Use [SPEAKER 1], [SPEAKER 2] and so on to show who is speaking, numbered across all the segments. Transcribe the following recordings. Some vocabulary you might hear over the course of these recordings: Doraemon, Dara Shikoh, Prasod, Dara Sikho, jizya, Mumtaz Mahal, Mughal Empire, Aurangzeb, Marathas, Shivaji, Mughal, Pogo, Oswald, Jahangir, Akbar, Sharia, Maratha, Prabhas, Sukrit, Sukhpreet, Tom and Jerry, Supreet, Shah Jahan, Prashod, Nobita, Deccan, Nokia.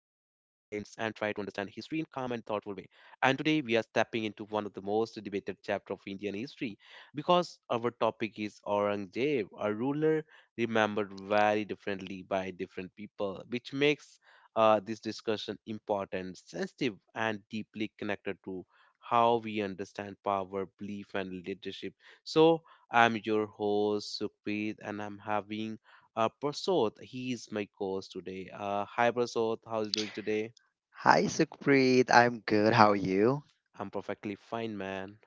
[SPEAKER 1] calm and thoughtful way. And today we are stepping into one of the most debated chapter of Indian history because our topic is Aurangzeb, a ruler remembered very differently by different people, which makes this discussion important, sensitive, and deeply connected to how we understand power, belief, and leadership. So I'm your host Sukhpreet, and I'm having Prasod. He is my co-host today. Hi Prasod, how's doing today?
[SPEAKER 2] Hi, Sukhpreet. I'm good. How are you?
[SPEAKER 1] I'm perfectly fine, man.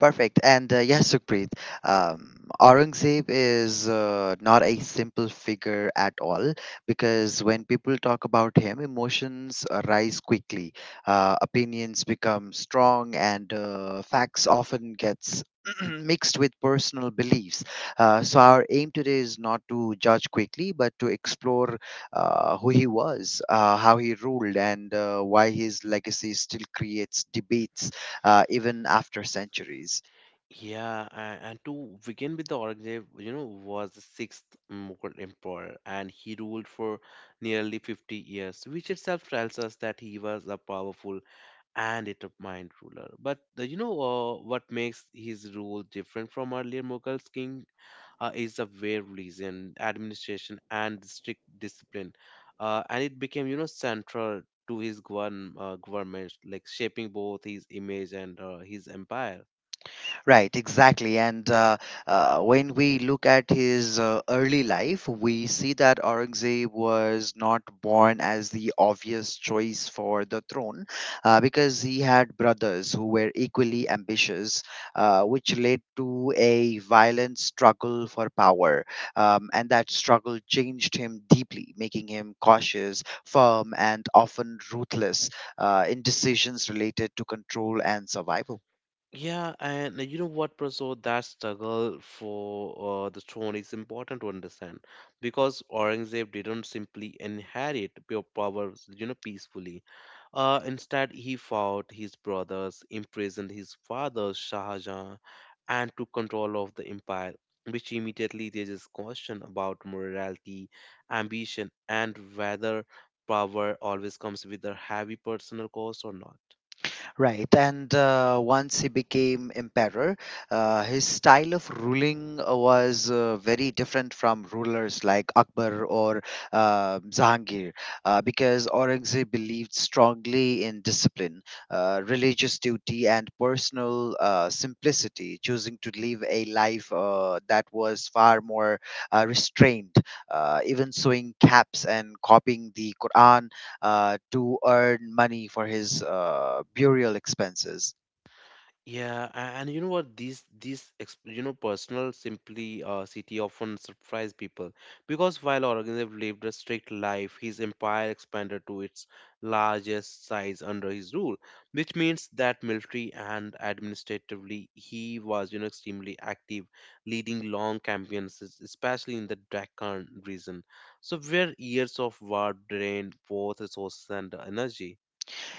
[SPEAKER 2] Perfect. And yes, Sukhpreet, Aurangzeb is not a simple figure at all because when people talk about him, emotions rise quickly, opinions become strong, and facts often gets mixed with personal beliefs. So our aim today is not to judge quickly, but to explore who he was, how he ruled, and why his legacy still creates debates even after centuries.
[SPEAKER 1] Yeah, and to begin with, the Aurangzeb, you know, was the sixth Mughal emperor, and he ruled for nearly 50 years, which itself tells us that he was a powerful and it a mind ruler. But the, you know what makes his rule different from earlier Mughals king is the way religion, administration, and strict discipline, and it became you know central to his government, like shaping both his image and his empire.
[SPEAKER 2] Right, exactly. And When we look at his early life, we see that Aurangzeb was not born as the obvious choice for the throne because he had brothers who were equally ambitious, which led to a violent struggle for power. And that struggle changed him deeply, making him cautious, firm, and often ruthless in decisions related to control and survival.
[SPEAKER 1] Yeah, and you know what, Praso, that struggle for the throne is important to understand because Aurangzeb didn't simply inherit pure power, you know, peacefully. Instead, he fought his brothers, imprisoned his father, Shah Jahan, and took control of the empire, which immediately raises question about morality, ambition, and whether power always comes with a heavy personal cost or not.
[SPEAKER 2] Right, and once he became emperor, his style of ruling was very different from rulers like Akbar or Jahangir, because Aurangzeb believed strongly in discipline, religious duty, and personal simplicity, choosing to live a life that was far more restrained, even sewing caps and copying the Quran to earn money for his burial expenses.
[SPEAKER 1] And you know what? You know personal simply city often surprise people because while Aurangzeb lived a strict life, his empire expanded to its largest size under his rule, which means that military and administratively he was you know extremely active, leading long campaigns, especially in the Deccan region, so where years of war drained both resources and energy.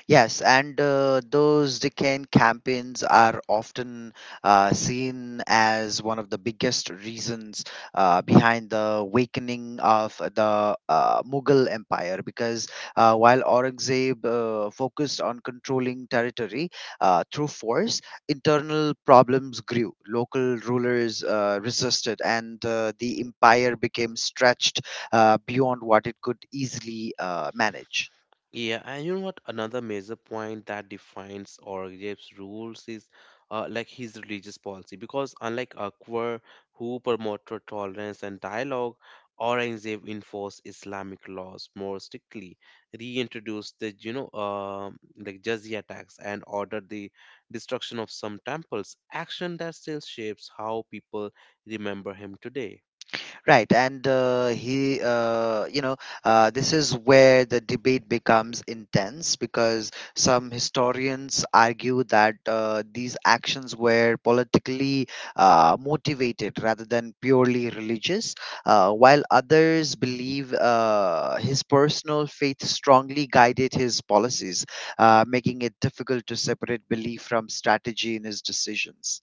[SPEAKER 2] Yes, and those deccan campaigns are often seen as one of the biggest reasons behind the awakening of the Mughal Empire. Because while Aurangzeb focused on controlling territory through force, internal problems grew. Local rulers resisted, and the empire became stretched beyond what it could easily manage.
[SPEAKER 1] Yeah, and you know what? Another major point that defines Orgev's rules is like his religious policy, because unlike Akbar, who promoted tolerance and dialogue, Aurangzeb enforced Islamic laws more strictly, reintroduced the you know like jizya tax, and ordered the destruction of some temples. Action that still shapes how people remember him today.
[SPEAKER 2] Right, and this is where the debate becomes intense because some historians argue that these actions were politically motivated rather than purely religious, while others believe his personal faith strongly guided his policies, making it difficult to separate belief from strategy in his decisions.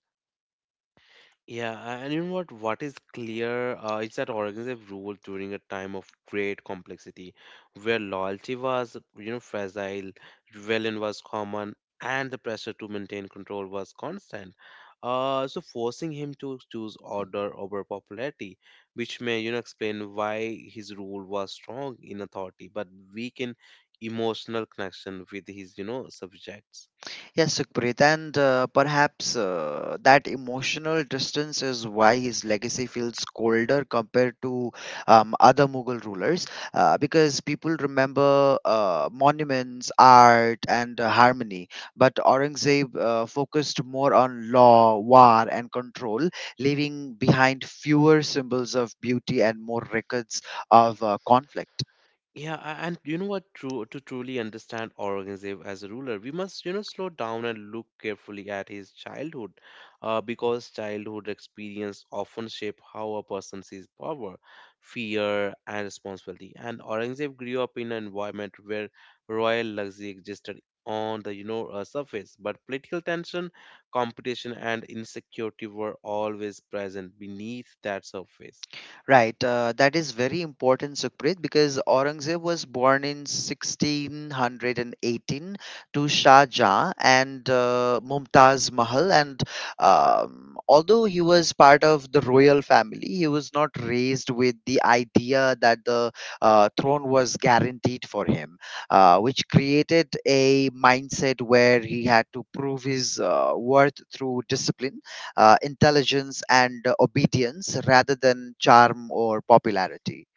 [SPEAKER 1] And you know what? What is clear is that organism ruled during a time of great complexity, where loyalty was, you know, fragile, rebellion was common, and the pressure to maintain control was constant. So forcing him to choose order over popularity, which may, you know, explain why his rule was strong in authority but weak in emotional connection with his, you know, subjects.
[SPEAKER 2] Yes, Sukrit, and perhaps that emotional distance is why his legacy feels colder compared to other Mughal rulers, because people remember monuments, art, and harmony. But Aurangzeb focused more on law, war, and control, leaving behind fewer symbols of beauty and more records of conflict.
[SPEAKER 1] And you know what? To truly understand Aurangzeb as a ruler, we must, you know, slow down and look carefully at his childhood, because childhood experience often shape how a person sees power, fear, and responsibility. And Aurangzeb grew up in an environment where royal luxury existed on the, you know, surface, but political tension, competition, and insecurity were always present beneath that surface.
[SPEAKER 2] Right, that is very important, Sukhpreet, because Aurangzeb was born in 1618 to Shah Jahan and Mumtaz Mahal. And Although he was part of the royal family, he was not raised with the idea that the throne was guaranteed for him, which created a mindset where he had to prove his worth through discipline intelligence and obedience rather than charm or popularity.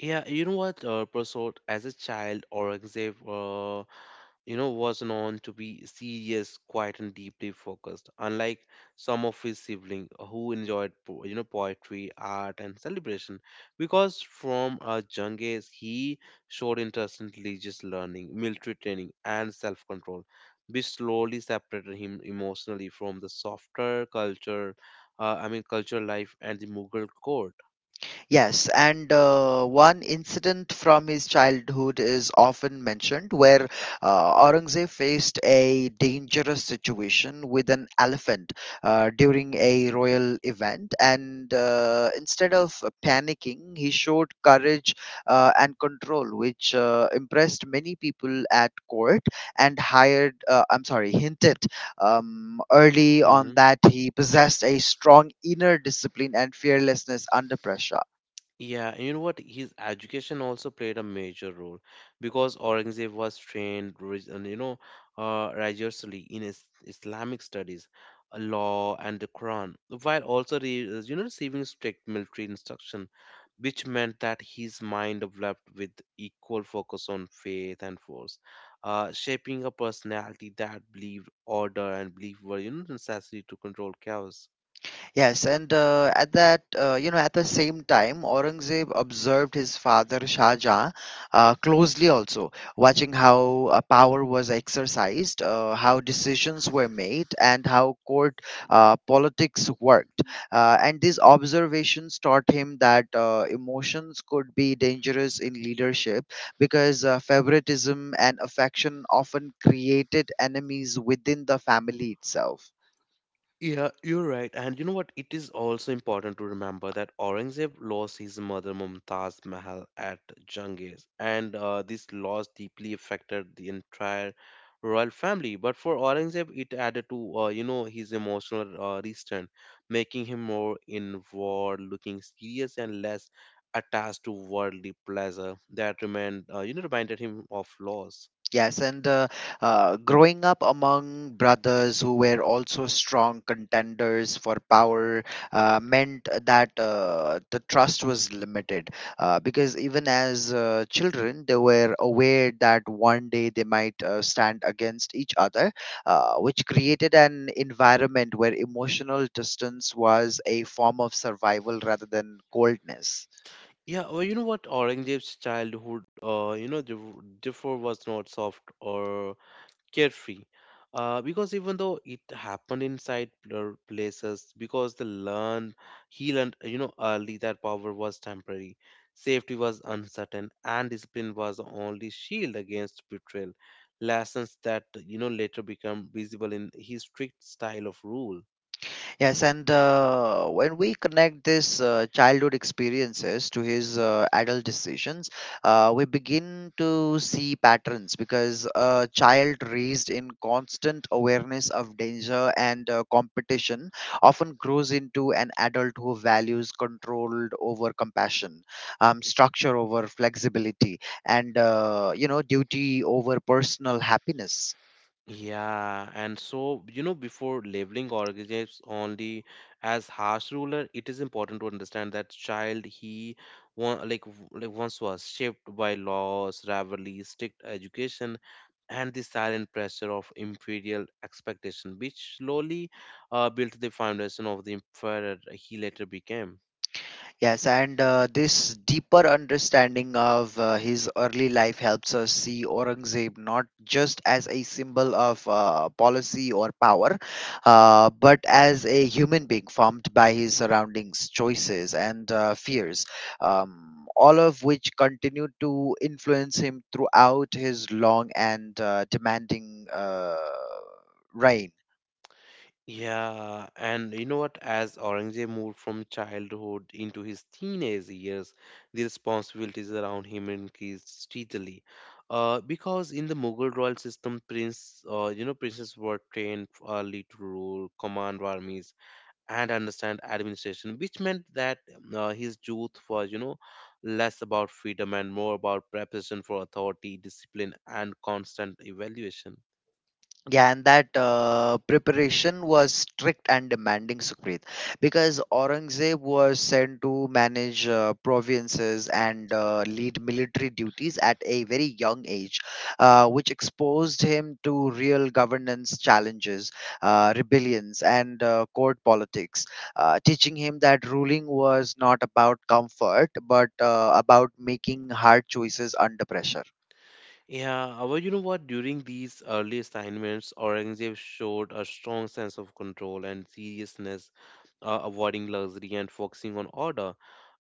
[SPEAKER 1] Yeah, you know what? Prasad, as a child, Aurangzeb, you know, was known to be serious, quiet, and deeply focused. Unlike some of his siblings who enjoyed, you know, poetry, art, and celebration, because from a young age he showed interest in religious learning, military training, and self-control, which slowly separated him emotionally from the softer culture, I mean, cultural life and the Mughal court.
[SPEAKER 2] Yes, and one incident from his childhood is often mentioned where Aurangzeb faced a dangerous situation with an elephant during a royal event. And instead of panicking, he showed courage and control, which impressed many people at court and hinted early on that he possessed a strong inner discipline and fearlessness under pressure.
[SPEAKER 1] Yeah, and you know what? His education also played a major role because Aurangzeb was trained, you know, rigorously in is Islamic studies, law, and the Quran, while also, re you know, receiving strict military instruction, which meant that his mind developed with equal focus on faith and force, shaping a personality that believed order and belief were, you know, necessary to control chaos.
[SPEAKER 2] Yes, and at that, you know, at the same time, Aurangzeb observed his father Shah Jahan closely also, watching how power was exercised, how decisions were made, and how court politics worked. And these observations taught him that emotions could be dangerous in leadership because favoritism and affection often created enemies within the family itself.
[SPEAKER 1] Yeah, you're right. And you know what? It is also important to remember that Aurangzeb lost his mother Mumtaz Mahal at Jungis, and this loss deeply affected the entire royal family. But for Aurangzeb, it added to you know his emotional restraint, making him more inward, looking serious and less attached to worldly pleasure. That remained you know reminded him of loss.
[SPEAKER 2] Yes, and Growing up among brothers who were also strong contenders for power meant that the trust was limited. Because even as children, they were aware that one day they might stand against each other, which created an environment where emotional distance was a form of survival rather than coldness.
[SPEAKER 1] Yeah, well, you know what? Aurangzeb's childhood, you know, differ was not soft or carefree, because even though it happened inside places, because the learned he learned, you know, early that power was temporary, safety was uncertain, and discipline was the only shield against betrayal. Lessons that you know later become visible in his strict style of rule.
[SPEAKER 2] Yes, and when we connect this childhood experiences to his adult decisions, we begin to see patterns because a child raised in constant awareness of danger and competition often grows into an adult who values control over compassion, structure over flexibility, and duty over personal happiness.
[SPEAKER 1] Yeah, and so, you know, before labeling organisms only as harsh ruler, it is important to understand that child he one like like once was shaped by laws, rivalry, strict education, and the silent pressure of imperial expectation, which slowly built the foundation of the emperor he later became.
[SPEAKER 2] Yes, and this deeper understanding of his early life helps us see Aurangzeb not just as a symbol of policy or power, but as a human being formed by his surroundings, choices, and fears, all of which continued to influence him throughout his long and demanding reign.
[SPEAKER 1] Yeah, and you know what? As Aurangzeb moved from childhood into his teenage years, the responsibilities around him increased steadily. Because in the Mughal royal system, you know, princes were trained early to rule, command armies, and understand administration, which meant that his youth was, you know, less about freedom and more about preparation for authority, discipline, and constant evaluation.
[SPEAKER 2] Yeah, and that preparation was strict and demanding, Sucrit, because Aurangzeb was sent to manage provinces and lead military duties at a very young age, which exposed him to real governance challenges, rebellions, and court politics, teaching him that ruling was not about comfort but about making hard choices under pressure.
[SPEAKER 1] Yeah, well, you know what? During these early assignments, Aurangzeb showed a strong sense of control and seriousness, avoiding luxury and focusing on order,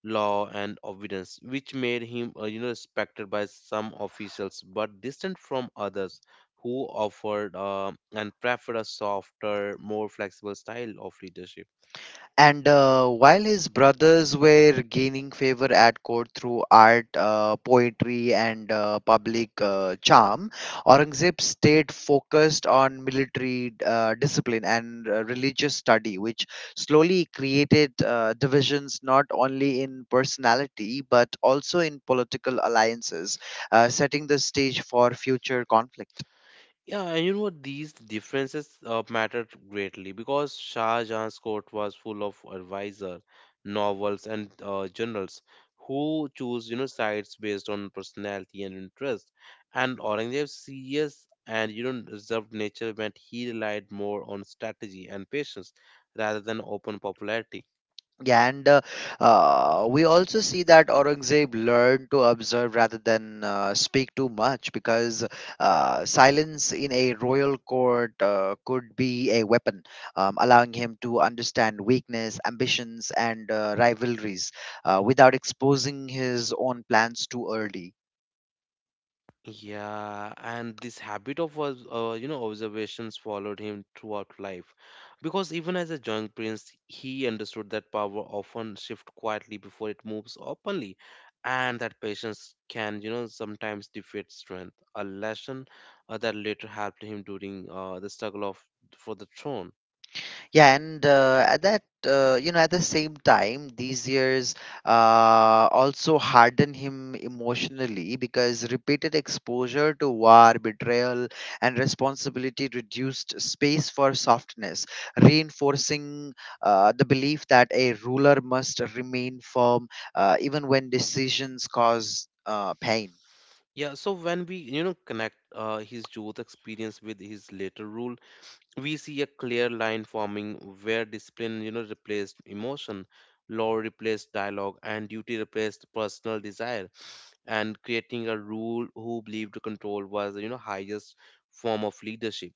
[SPEAKER 1] law, and obedience, which made him, you know, respected by some officials but distant from others who offered and preferred a softer, more flexible style of leadership.
[SPEAKER 2] And while his brothers were gaining favor at court through art, poetry, and public charm, Aurangzeb stayed focused on military discipline and religious study, which slowly created divisions not only in personality but also in political alliances, setting the stage for future conflict.
[SPEAKER 1] Yeah, and you know what? These differences mattered greatly because Shah Jahan's court was full of advisor, novels, and journals who choose you know sides based on personality and interest. And Aurangzeb's serious and you know reserved nature meant he relied more on strategy and patience rather than open popularity.
[SPEAKER 2] Yeah, and We also see that Aurangzeb learned to observe rather than speak too much because silence in a royal court could be a weapon, allowing him to understand weakness, ambitions, and rivalries without exposing his own plans too early.
[SPEAKER 1] Yeah, and this habit of was you know observations followed him throughout life, because even as a young prince, he understood that power often shifts quietly before it moves openly, and that patience can you know sometimes defeat strength. A lesson that later helped him during the struggle of for the throne.
[SPEAKER 2] Yeah and at that you know At the same time, these years also harden him emotionally because repeated exposure to war, betrayal and responsibility reduced space for softness, reinforcing the belief that a ruler must remain firm even when decisions cause pain.
[SPEAKER 1] Yeah, so when we you know connect his youth experience with his later rule, we see a clear line forming where discipline you know replaced emotion, law replaced dialogue and duty replaced personal desire, and creating a rule who believed control was you know highest form of leadership.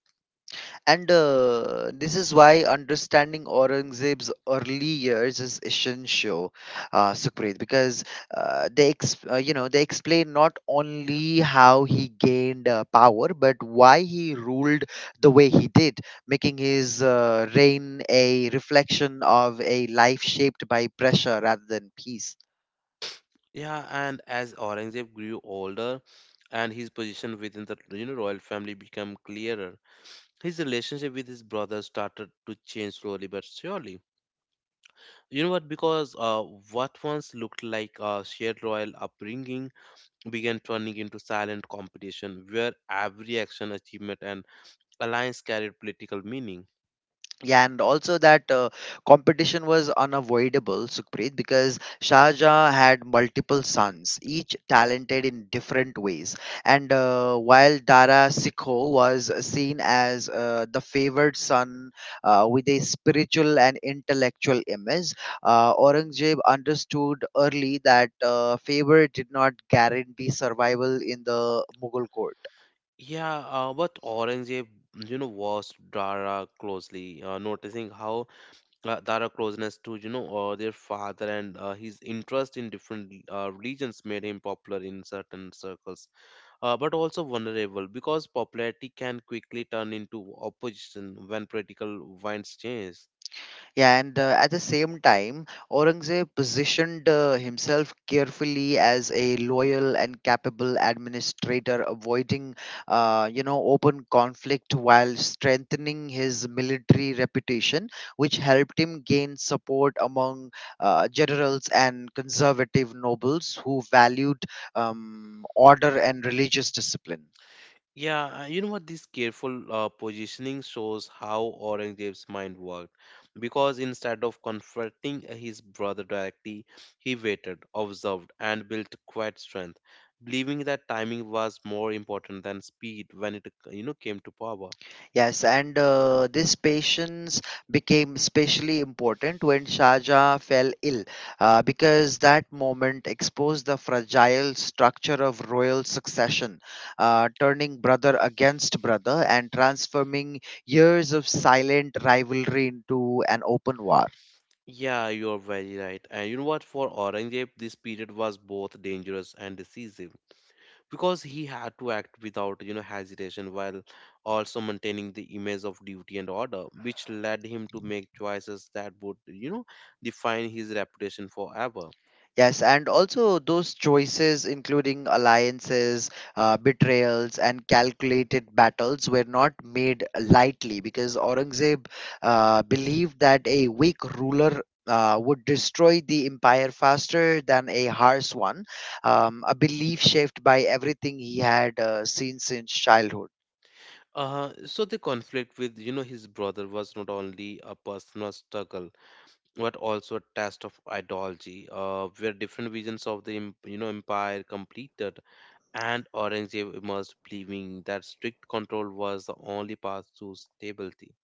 [SPEAKER 2] And this is why understanding Aurangzeb's early years is essential, Sukhpreet, because they, ex- you know, they explain not only how he gained power, but why he ruled the way he did, making his reign a reflection of a life shaped by pressure rather than peace.
[SPEAKER 1] Yeah, and as Aurangzeb grew older and his position within the you know royal family became clearer, his relationship with his brothers started to change slowly but surely. You know what? Because what once looked like a shared royal upbringing began turning into silent competition where every action, achievement, and alliance carried political meaning.
[SPEAKER 2] Yeah, and also that competition was unavoidable, Sukhpreet, because Shah Jahan had multiple sons, each talented in different ways. And while Dara Sikho was seen as the favored son with a spiritual and intellectual image, Aurangzeb understood early that favor did not guarantee survival in the Mughal court.
[SPEAKER 1] Yeah, but Aurangzeb, you know, watched Dara closely, noticing how Dara closeness to, you know, their father and his interest in different religions made him popular in certain circles, but also vulnerable because popularity can quickly turn into opposition when political winds change.
[SPEAKER 2] Yeah, and at the same time, Aurangzeb positioned himself carefully as a loyal and capable administrator, avoiding, open conflict while strengthening his military reputation, which helped him gain support among generals and conservative nobles who valued order and religious discipline.
[SPEAKER 1] Yeah, you know what? This careful positioning shows how Aurangzeb's mind worked. Because instead of confronting his brother directly, he waited, observed, and built quiet strength, believing that timing was more important than speed when it, you know, came to power.
[SPEAKER 2] Yes, and this patience became especially important when Shahjahan fell ill, because that moment exposed the fragile structure of royal succession, turning brother against brother and transforming years of silent rivalry into an open war.
[SPEAKER 1] Yeah, you're very right. And you know what? For Aurangzeb, this period was both dangerous and decisive because he had to act without you know hesitation while also maintaining the image of duty and order, which led him to make choices that would you know define his reputation forever.
[SPEAKER 2] Yes, and also those choices, including alliances, betrayals, and calculated battles, were not made lightly because Aurangzeb believed that a weak ruler would destroy the empire faster than a harsh one, a belief shaped by everything he had seen since childhood.
[SPEAKER 1] So the conflict with you know his brother was not only a personal struggle but also a test of ideology, where different visions of the you know empire completed, and Aurangzeb emerged believing that strict control was the only path to stability.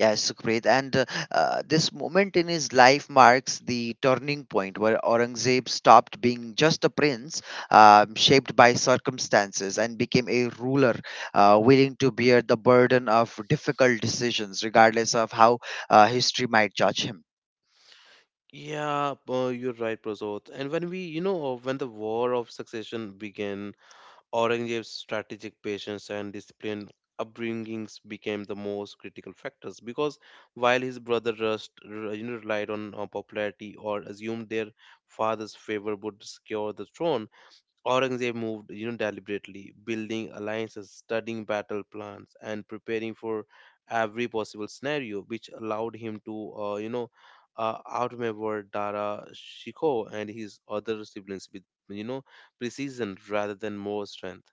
[SPEAKER 2] Yeah, Sukhpreet. And This moment in his life marks the turning point where Aurangzeb stopped being just a prince, shaped by circumstances, and became a ruler willing to bear the burden of difficult decisions, regardless of how history might judge him.
[SPEAKER 1] Yeah, you're right, Prasad. And when we, you know, when the war of succession began, Aurangzeb's strategic patience and disciplined upbringings became the most critical factors because while his brother you know, relied on popularity or assumed their father's favor would secure the throne, Aurangzeb moved, you know, deliberately, building alliances, studying battle plans, and preparing for every possible scenario, which allowed him to, you know, outmaneuver Dara Shikoh and his other siblings with, you know, precision rather than more strength.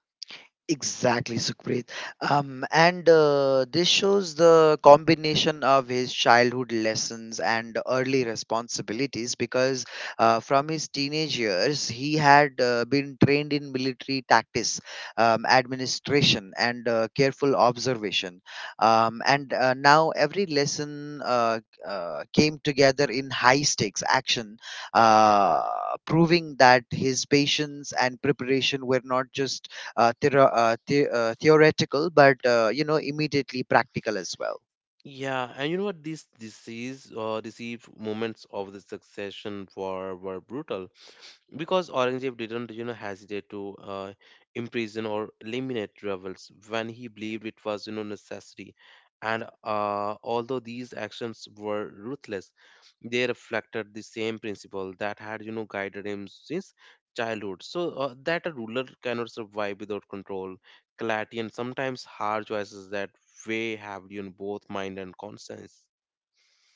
[SPEAKER 2] Exactly, Sukhpreet. And This shows the combination of his childhood lessons and early responsibilities because from his teenage years, he had been trained in military tactics, administration, and careful observation. And Now every lesson came together in high stakes action, uh, proving that his patience and preparation were not just theoretical, but immediately practical as well.
[SPEAKER 1] Yeah, and you know what? These deceived moments of the succession war were brutal because Aurangzeb didn't you know hesitate to imprison or eliminate rebels when he believed it was you know necessary, and although these actions were ruthless, they reflected the same principle that had you know guided him since childhood, so that a ruler cannot survive without control, clarity, and sometimes hard choices that weigh heavily on both mind and conscience.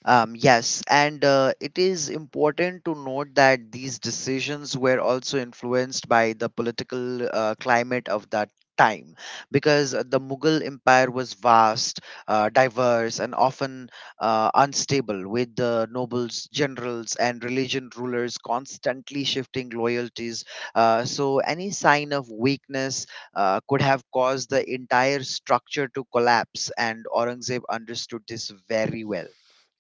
[SPEAKER 2] Yes, and it is important to note that these decisions were also influenced by the political climate of that time because the Mughal Empire was vast, diverse, and often unstable, with the nobles, generals, and religion rulers constantly shifting loyalties. So any sign of weakness could have caused the entire structure to collapse, and Aurangzeb understood this very well.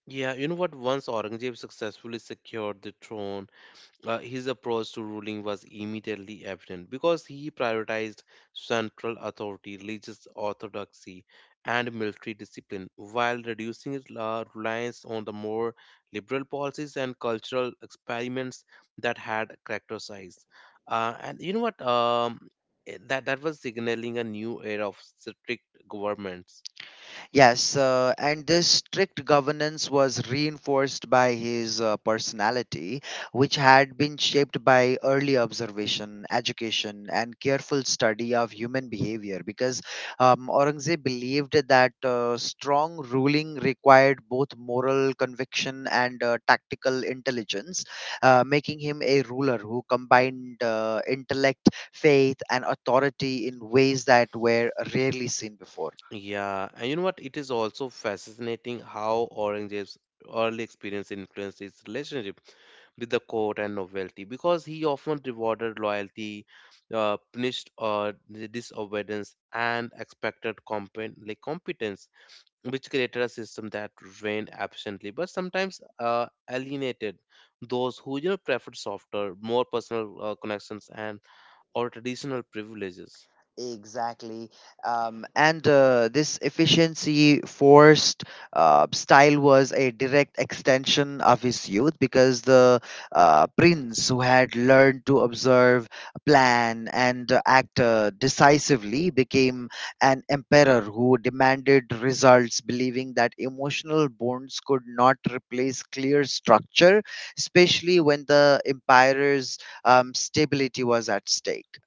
[SPEAKER 1] Yeah, you know what? Once Aurangzeb successfully secured the throne, his approach to ruling was immediately evident because he prioritized central authority, religious orthodoxy, and military discipline while reducing its reliance on the more liberal policies and cultural experiments that had characterized. And you know what? That was signaling a new era of strict governments.
[SPEAKER 2] Yes, and this strict governance was reinforced by his personality, which had been shaped by early observation, education, and careful study of human behavior. Because Aurangzeb believed that strong ruling required both moral conviction and tactical intelligence, making him a ruler who combined intellect, faith, and authority in ways that were rarely seen before.
[SPEAKER 1] Yeah, and you know what? It is also fascinating how Aurangzeb's early experience influenced his relationship with the court and novelty because he often rewarded loyalty, punished the disobedience, and expected competence, which created a system that reigned absently but sometimes alienated those who preferred softer, more personal connections and or traditional privileges.
[SPEAKER 2] Exactly. And This efficiency forced style was a direct extension of his youth because the prince, who had learned to observe, plan, and act decisively, became an emperor who demanded results, believing that emotional bonds could not replace clear structure, especially when the empire's stability was at stake.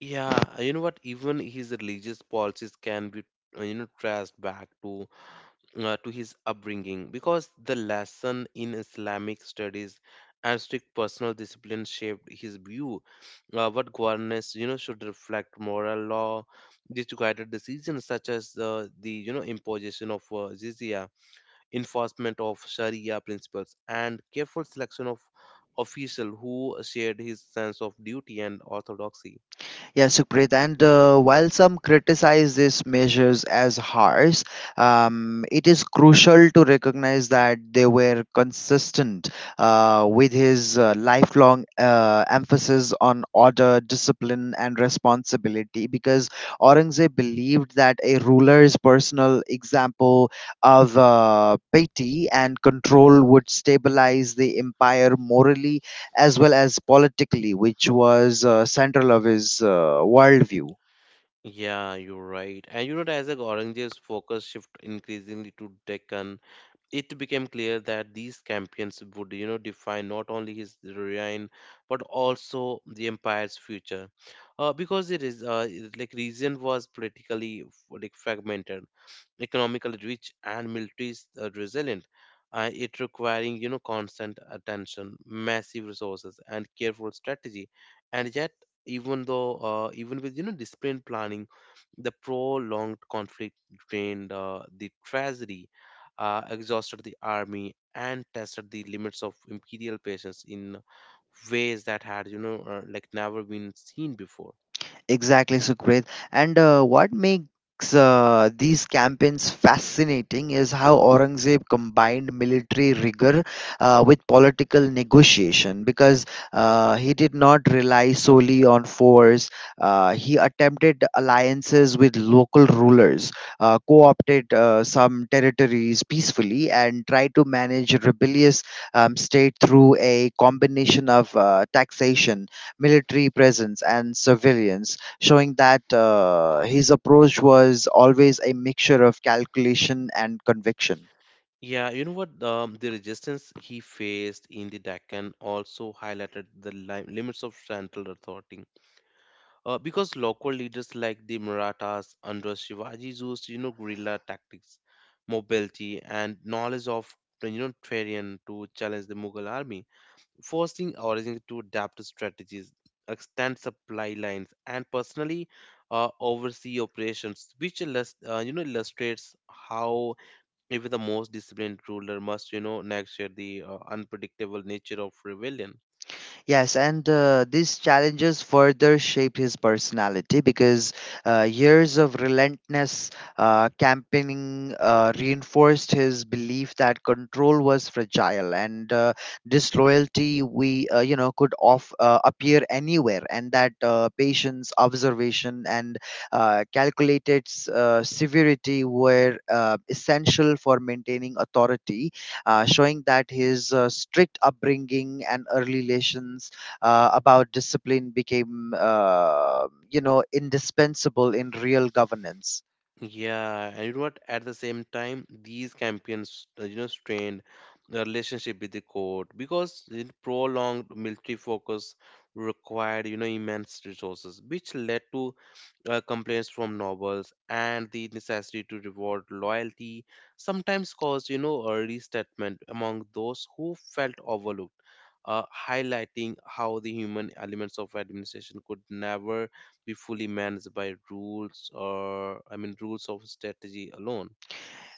[SPEAKER 1] Yeah, you know what? Even his religious policies can be traced back to to his upbringing because the lesson in Islamic studies and strict personal discipline shaped his view what governance should reflect moral law. These guided decisions such as the you know imposition of jizya, enforcement of sharia principles, and careful selection of official who shared his sense of duty and orthodoxy.
[SPEAKER 2] Yeah, Sukrit. And while some criticize these measures as harsh, it is crucial to recognize that they were consistent with his lifelong emphasis on order, discipline, and responsibility because Aurangzeb believed that a ruler's personal example of piety and control would stabilize the empire morally as well as politically, which was central of his worldview.
[SPEAKER 1] Yeah, you're right. And as the Aurangzeb's focus shift increasingly to Deccan, it became clear that these campaigns would define not only his reign but also the empire's future, because it is it- like region was politically fragmented, economically rich, and militaries resilient. It requiring constant attention, massive resources, and careful strategy. And yet, even though even with disciplined planning, the prolonged conflict drained the treasury, exhausted the army, and tested the limits of imperial patience in ways that had never been seen before.
[SPEAKER 2] Exactly, Sukrit. And what makes these campaigns fascinating is how Aurangzeb combined military rigor with political negotiation because he did not rely solely on force. He attempted alliances with local rulers, co opted some territories peacefully, and tried to manage a rebellious state through a combination of taxation, military presence, and surveillance, showing that his approach was always a mixture of calculation and conviction.
[SPEAKER 1] Yeah, you know what? The resistance he faced in the Deccan also highlighted the limits of central authority. Because local leaders like the Marathas under Shivaji used, guerrilla tactics, mobility, and knowledge of, terrain to challenge the Mughal army, forcing Aurangzeb to adapt strategies, extend supply lines, and personally oversee operations, which illustrates how even the most disciplined ruler must, nurture the unpredictable nature of rebellion.
[SPEAKER 2] Yes, and these challenges further shaped his personality because years of relentless campaigning reinforced his belief that control was fragile and disloyalty we could off appear anywhere, and that patience, observation, and calculated severity were essential for maintaining authority, showing that his strict upbringing and early lessons about discipline became indispensable in real governance.
[SPEAKER 1] Yeah, and you know what? At the same time, these campaigns, strained the relationship with the court because the prolonged military focus required, immense resources, which led to complaints from novels, and the necessity to reward loyalty sometimes caused a restatement among those who felt overlooked, uh, highlighting how the human elements of administration could never be fully managed by rules or I mean rules of strategy alone.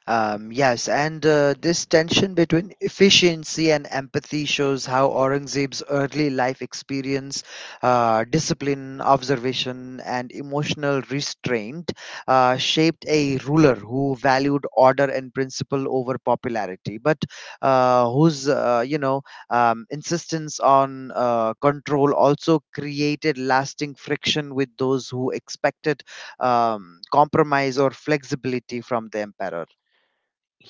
[SPEAKER 2] Yes, and this tension between efficiency and empathy shows how Aurangzeb's early life experience, discipline, observation, and emotional restraint shaped a ruler who valued order and principle over popularity, but whose, insistence on control also created lasting friction with those who expected compromise or flexibility from the emperor.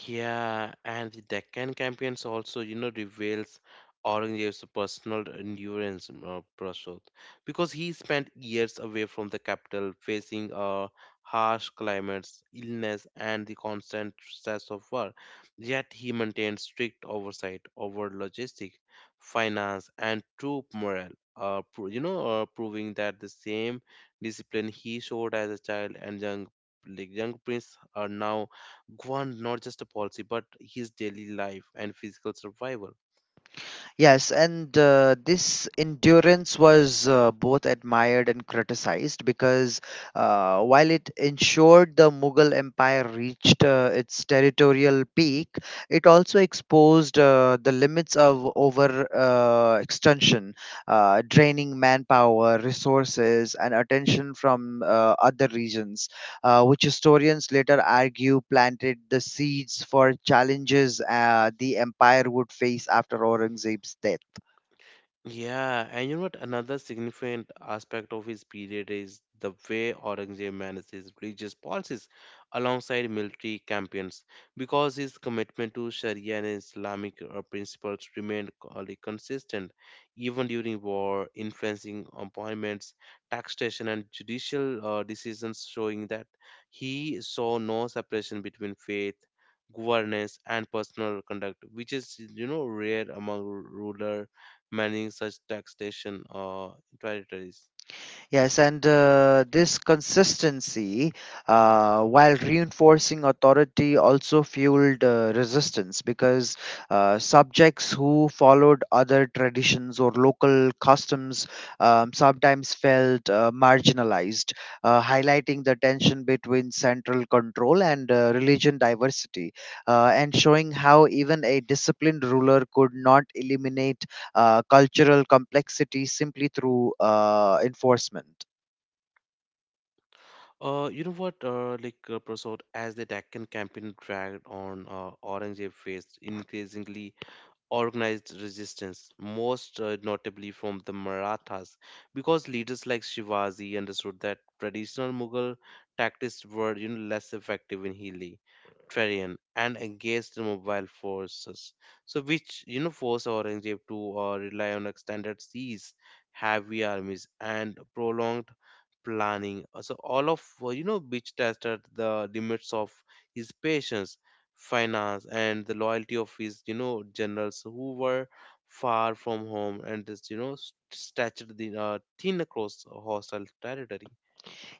[SPEAKER 1] Yeah, and the Deccan campaigns also, reveals Aurangzeb's personal endurance, Prashant, because he spent years away from the capital, facing harsh climates, illness, and the constant stress of war. Yet he maintained strict oversight over logistics, finance, and troop morale. Proving that the same discipline he showed as a child and young, young prince are now governed not just a policy but his daily life and physical survival.
[SPEAKER 2] Yes, and this endurance was both admired and criticized because while it ensured the Mughal Empire reached its territorial peak, it also exposed the limits of over extension, draining manpower, resources, and attention from other regions, which historians later argue planted the seeds for challenges the empire would face after Aurangzeb's death.
[SPEAKER 1] Yeah, and you know what? Another significant aspect of his period is the way Aurangzeb managed his religious policies alongside military campaigns, because his commitment to Sharia and Islamic principles remained consistent even during war, influencing appointments, taxation, and judicial decisions, showing that he saw no separation between faith. Governance and personal conduct, which is rare among ruler managing such taxation territories.
[SPEAKER 2] Yes, and this consistency, while reinforcing authority, also fueled resistance because subjects who followed other traditions or local customs sometimes felt marginalized, highlighting the tension between central control and religion diversity, and showing how even a disciplined ruler could not eliminate cultural complexity simply through enforcement.
[SPEAKER 1] You know what, like Prasad, as the Deccan campaign dragged on, Aurangzeb faced increasingly organized resistance, most notably from the Marathas, because leaders like Shivaji understood that traditional Mughal tactics were less effective in hilly terrain and engaged mobile forces. So, which forced Aurangzeb to rely on extended seas, heavy armies, and prolonged planning. So all of which tested the limits of his patience, finance, and the loyalty of his generals who were far from home and just stretched the, thin across hostile territory.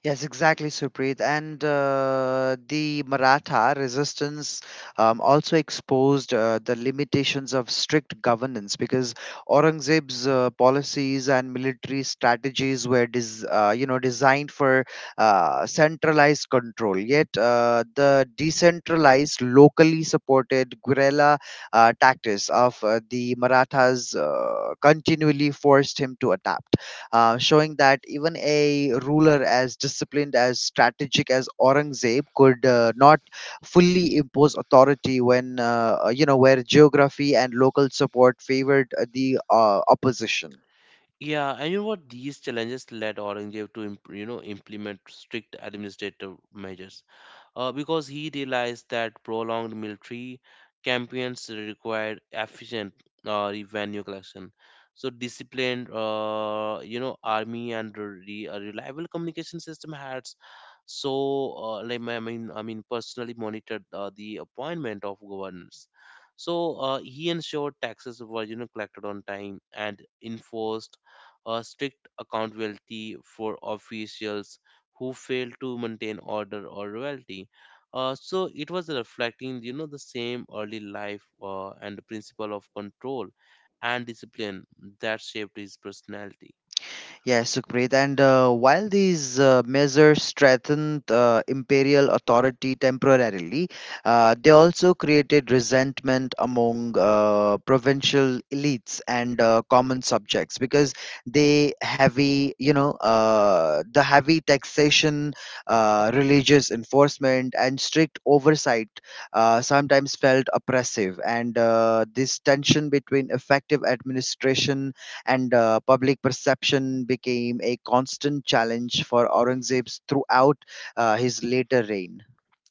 [SPEAKER 2] Yes, exactly, Supreet. And the Maratha resistance also exposed the limitations of strict governance because Aurangzeb's policies and military strategies were, designed for centralized control. Yet, the decentralized, locally supported guerrilla tactics of the Marathas continually forced him to adapt, showing that even a ruler as disciplined as strategic as Aurangzeb could not fully impose authority when where geography and local support favored the opposition.
[SPEAKER 1] Yeah, and you know what, these challenges led orangeville to implement strict administrative measures because he realized that prolonged military campaigns required efficient revenue collection. So disciplined, army and a reliable communication system had, so I mean personally monitored the appointment of governors. So he ensured taxes were collected on time and enforced strict accountability for officials who failed to maintain order or loyalty, so it was reflecting, the same early life and the principle of control and discipline that shaped his personality.
[SPEAKER 2] Yes, Sukhpreet. And while these measures strengthened imperial authority temporarily, they also created resentment among provincial elites and common subjects because the heavy taxation, religious enforcement, and strict oversight sometimes felt oppressive. And this tension between effective administration and public perception became a constant challenge for Aurangzeb throughout his later reign.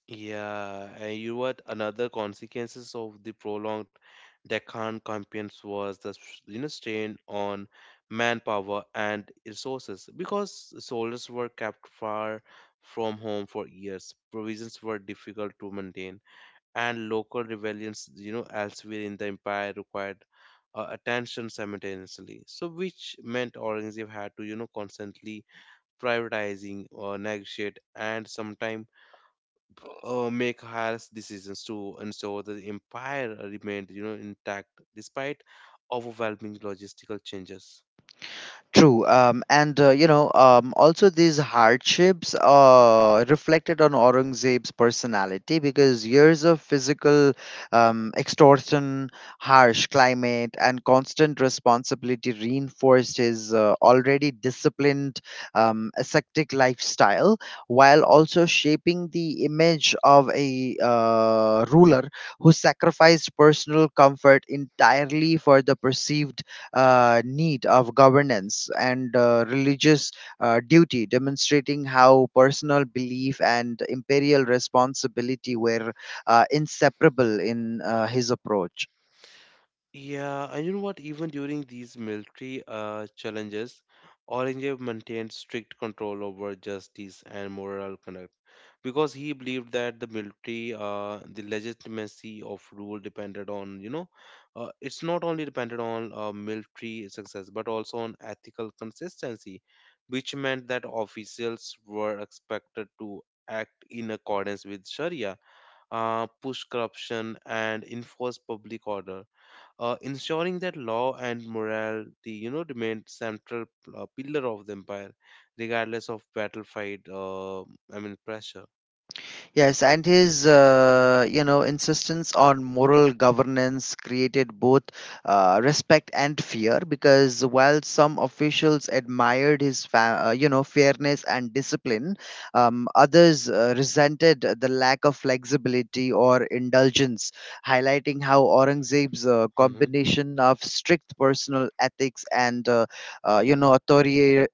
[SPEAKER 1] Yeah, and you know what? Another consequences of the prolonged Deccan campaigns was the strain on manpower and resources, because soldiers were kept far from home for years. Provisions were difficult to maintain, and local rebellions, elsewhere in the empire required attention simultaneously. So, which meant Aurangzeb had to constantly prioritizing or negotiate and sometimes make harsh decisions to ensure the empire remained intact despite overwhelming logistical changes.
[SPEAKER 2] True, and also these hardships reflected on Aurangzeb's personality because years of physical extortion, harsh climate, and constant responsibility reinforced his already disciplined, ascetic lifestyle, while also shaping the image of a ruler who sacrificed personal comfort entirely for the perceived need of governance and religious duty, demonstrating how personal belief and imperial responsibility were inseparable in his approach.
[SPEAKER 1] Yeah, and you know what, even during these military challenges orange maintained strict control over justice and moral conduct because he believed that the military, the legitimacy of rule depended on, it's not only depended on military success but also on ethical consistency, which meant that officials were expected to act in accordance with sharia, push corruption and enforce public order, ensuring that law and morality remained central pillar of the empire regardless of battlefield, I mean pressure.
[SPEAKER 2] Yes, and his insistence on moral governance created both respect and fear because while some officials admired his fairness and discipline, others resented the lack of flexibility or indulgence, highlighting how Aurangzeb's
[SPEAKER 1] Mm-hmm.
[SPEAKER 2] combination of strict personal ethics and authoritarian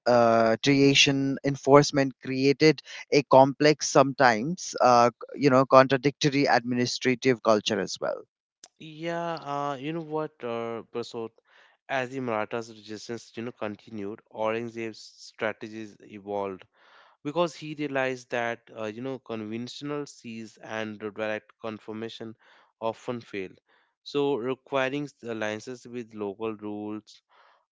[SPEAKER 2] enforcement created a complex, sometimes contradictory administrative culture as well.
[SPEAKER 1] Yeah, you know what, Prasad? As the Marathas' resistance, continued, Aurangzeb's strategies evolved because he realized that, conventional siege and direct confirmation often failed, so, requiring alliances with local rulers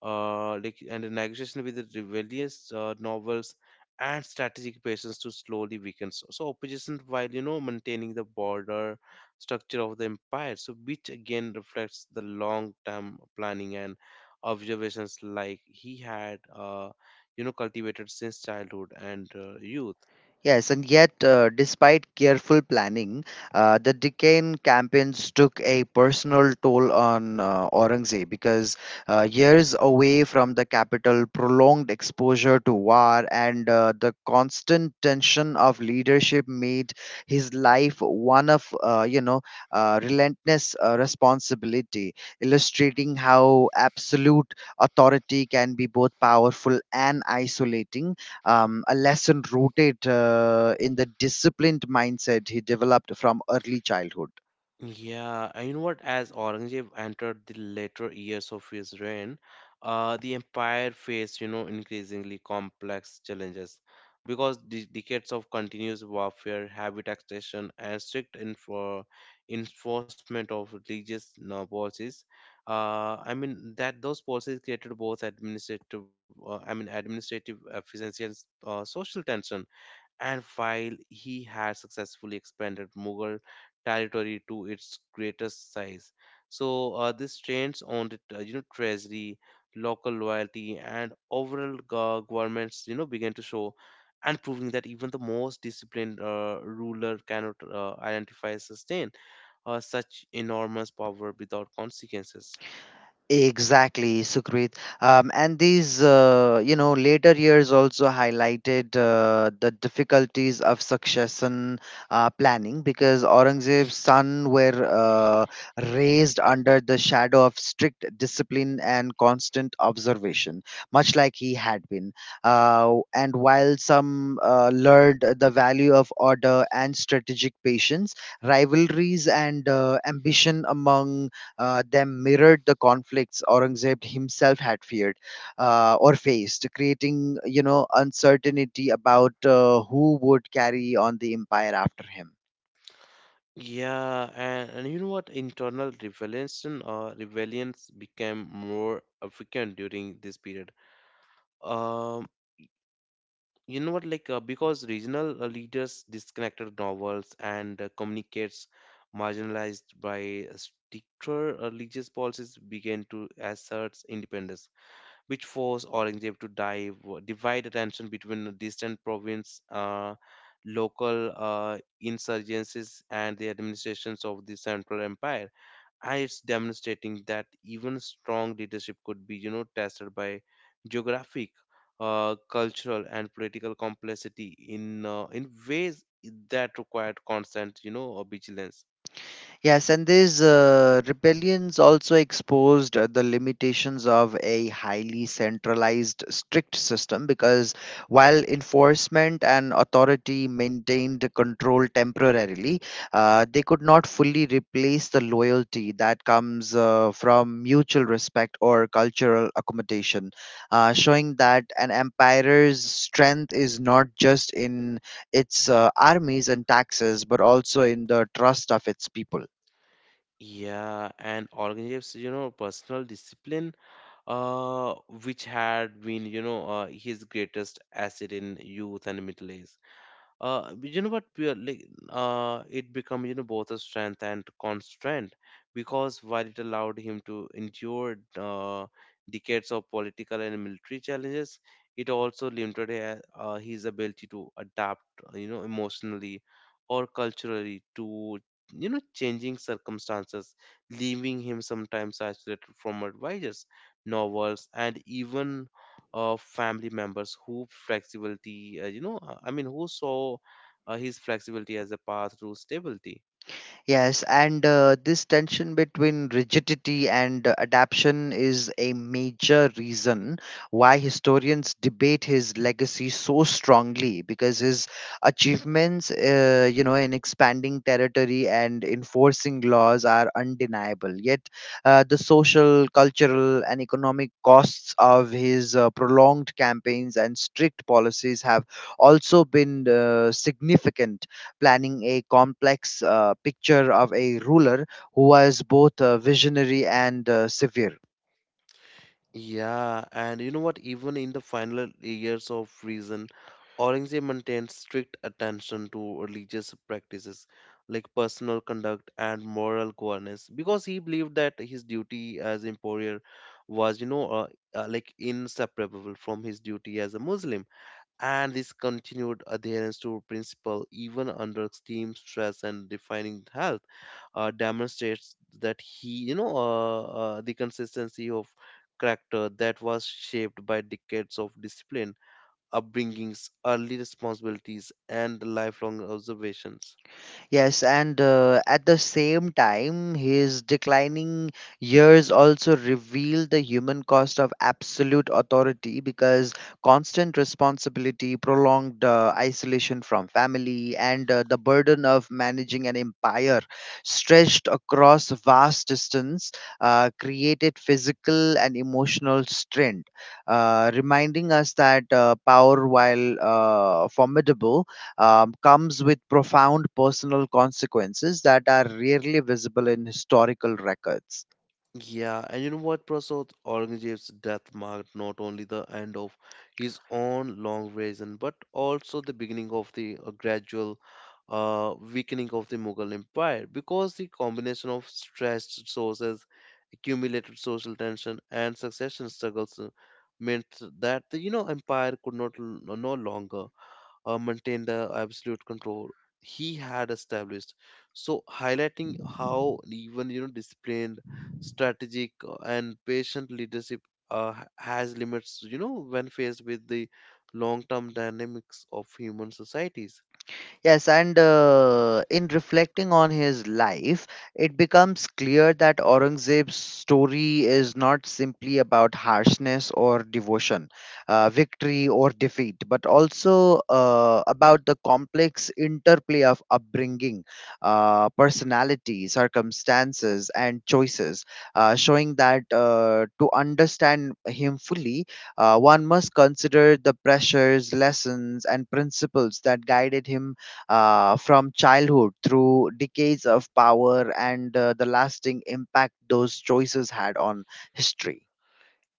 [SPEAKER 1] and a negotiation with the rebellious novels and strategic patience to slowly weaken. So opposition while maintaining the border structure of the empire. So which again reflects the long-term planning and observations he had cultivated since childhood and youth.
[SPEAKER 2] Yes, and yet, despite careful planning, the Deccan campaigns took a personal toll on Aurangzeb because years away from the capital, prolonged exposure to war, and the constant tension of leadership made his life one of relentless responsibility, illustrating how absolute authority can be both powerful and isolating, a lesson rooted in the disciplined mindset he developed from early childhood.
[SPEAKER 1] Yeah, and you know what? As Aurangzeb entered the later years of his reign, the empire faced, increasingly complex challenges because the decades of continuous warfare, heavy taxation, and strict info enforcement of religious policies. I mean that those policies created both administrative, I mean administrative efficiency and social tension, and while he had successfully expanded Mughal territory to its greatest size. So this strains on the treasury, local loyalty, and overall governments began to show, and proving that even the most disciplined ruler cannot identify sustain such enormous power without consequences.
[SPEAKER 2] Exactly, Sukrit. And these later years also highlighted the difficulties of succession planning because Aurangzeb's son were raised under the shadow of strict discipline and constant observation, much like he had been. And while some learned the value of order and strategic patience, rivalries and ambition among them mirrored the conflicts Aurangzeb himself had feared or faced, creating uncertainty about who would carry on the empire after him.
[SPEAKER 1] Yeah, and you know what? Internal rebellions became more frequent during this period. Um, you know what? Like because regional leaders disconnected novels and communicates marginalized by stricter religious policies began to assert independence, which forced Aurangzeb to divide attention between distant province, local insurgencies, and the administrations of the central empire, and it's demonstrating that even strong leadership could be, tested by geographic, cultural, and political complexity in ways that required constant, vigilance.
[SPEAKER 2] Yes, and these rebellions also exposed the limitations of a highly centralized, strict system because while enforcement and authority maintained control temporarily, they could not fully replace the loyalty that comes from mutual respect or cultural accommodation, showing that an empire's strength is not just in its armies and taxes, but also in the trust of its people.
[SPEAKER 1] Yeah, and organizes, personal discipline, uh, which had been, his greatest asset in youth and middle age. But you know what we are like it become both a strength and constraint because while it allowed him to endure decades of political and military challenges, it also limited his ability to adapt emotionally or culturally to changing circumstances, leaving him sometimes isolated from advisors, novels, and even family members who flexibility, I mean who saw his flexibility as a path to stability.
[SPEAKER 2] Yes, and this tension between rigidity and adaptation is a major reason why historians debate his legacy so strongly because his achievements, in expanding territory and enforcing laws are undeniable. Yet, the social, cultural, and economic costs of his prolonged campaigns and strict policies have also been significant, planning a complex picture of a ruler who was both visionary and severe.
[SPEAKER 1] Yeah, and you know what, even in the final years of reason, Aurangzeb maintained strict attention to religious practices like personal conduct and moral governance because he believed that his duty as emperor was inseparable from his duty as a muslim, and this continued adherence to principle, even under extreme stress and defining health, demonstrates that he the consistency of character that was shaped by decades of discipline, upbringings, early responsibilities, and lifelong observations.
[SPEAKER 2] Yes, and at the same time, his declining years also reveal the human cost of absolute authority because constant responsibility, prolonged isolation from family, and the burden of managing an empire stretched across vast distance created physical and emotional strain, reminding us that power, while formidable, comes with profound personal consequences that are rarely visible in historical records.
[SPEAKER 1] Yeah, and you know what, Prasad? Aurangzeb's death marked not only the end of his own long reign, but also the beginning of the gradual weakening of the Mughal Empire because the combination of stressed sources, accumulated social tension, and succession struggles meant that the empire could not l- no longer maintained the absolute control he had established. So highlighting how even you know disciplined, strategic, and patient leadership has limits. You know when faced with the long-term dynamics of human societies.
[SPEAKER 2] Yes, and in reflecting on his life, it becomes clear that Aurangzeb's story is not simply about harshness or devotion, victory or defeat, but also about the complex interplay of upbringing, personality, circumstances, and choices, showing that to understand him fully, one must consider the pressures, lessons, and principles that guided him from childhood through decades of power, and the lasting impact those choices had on history.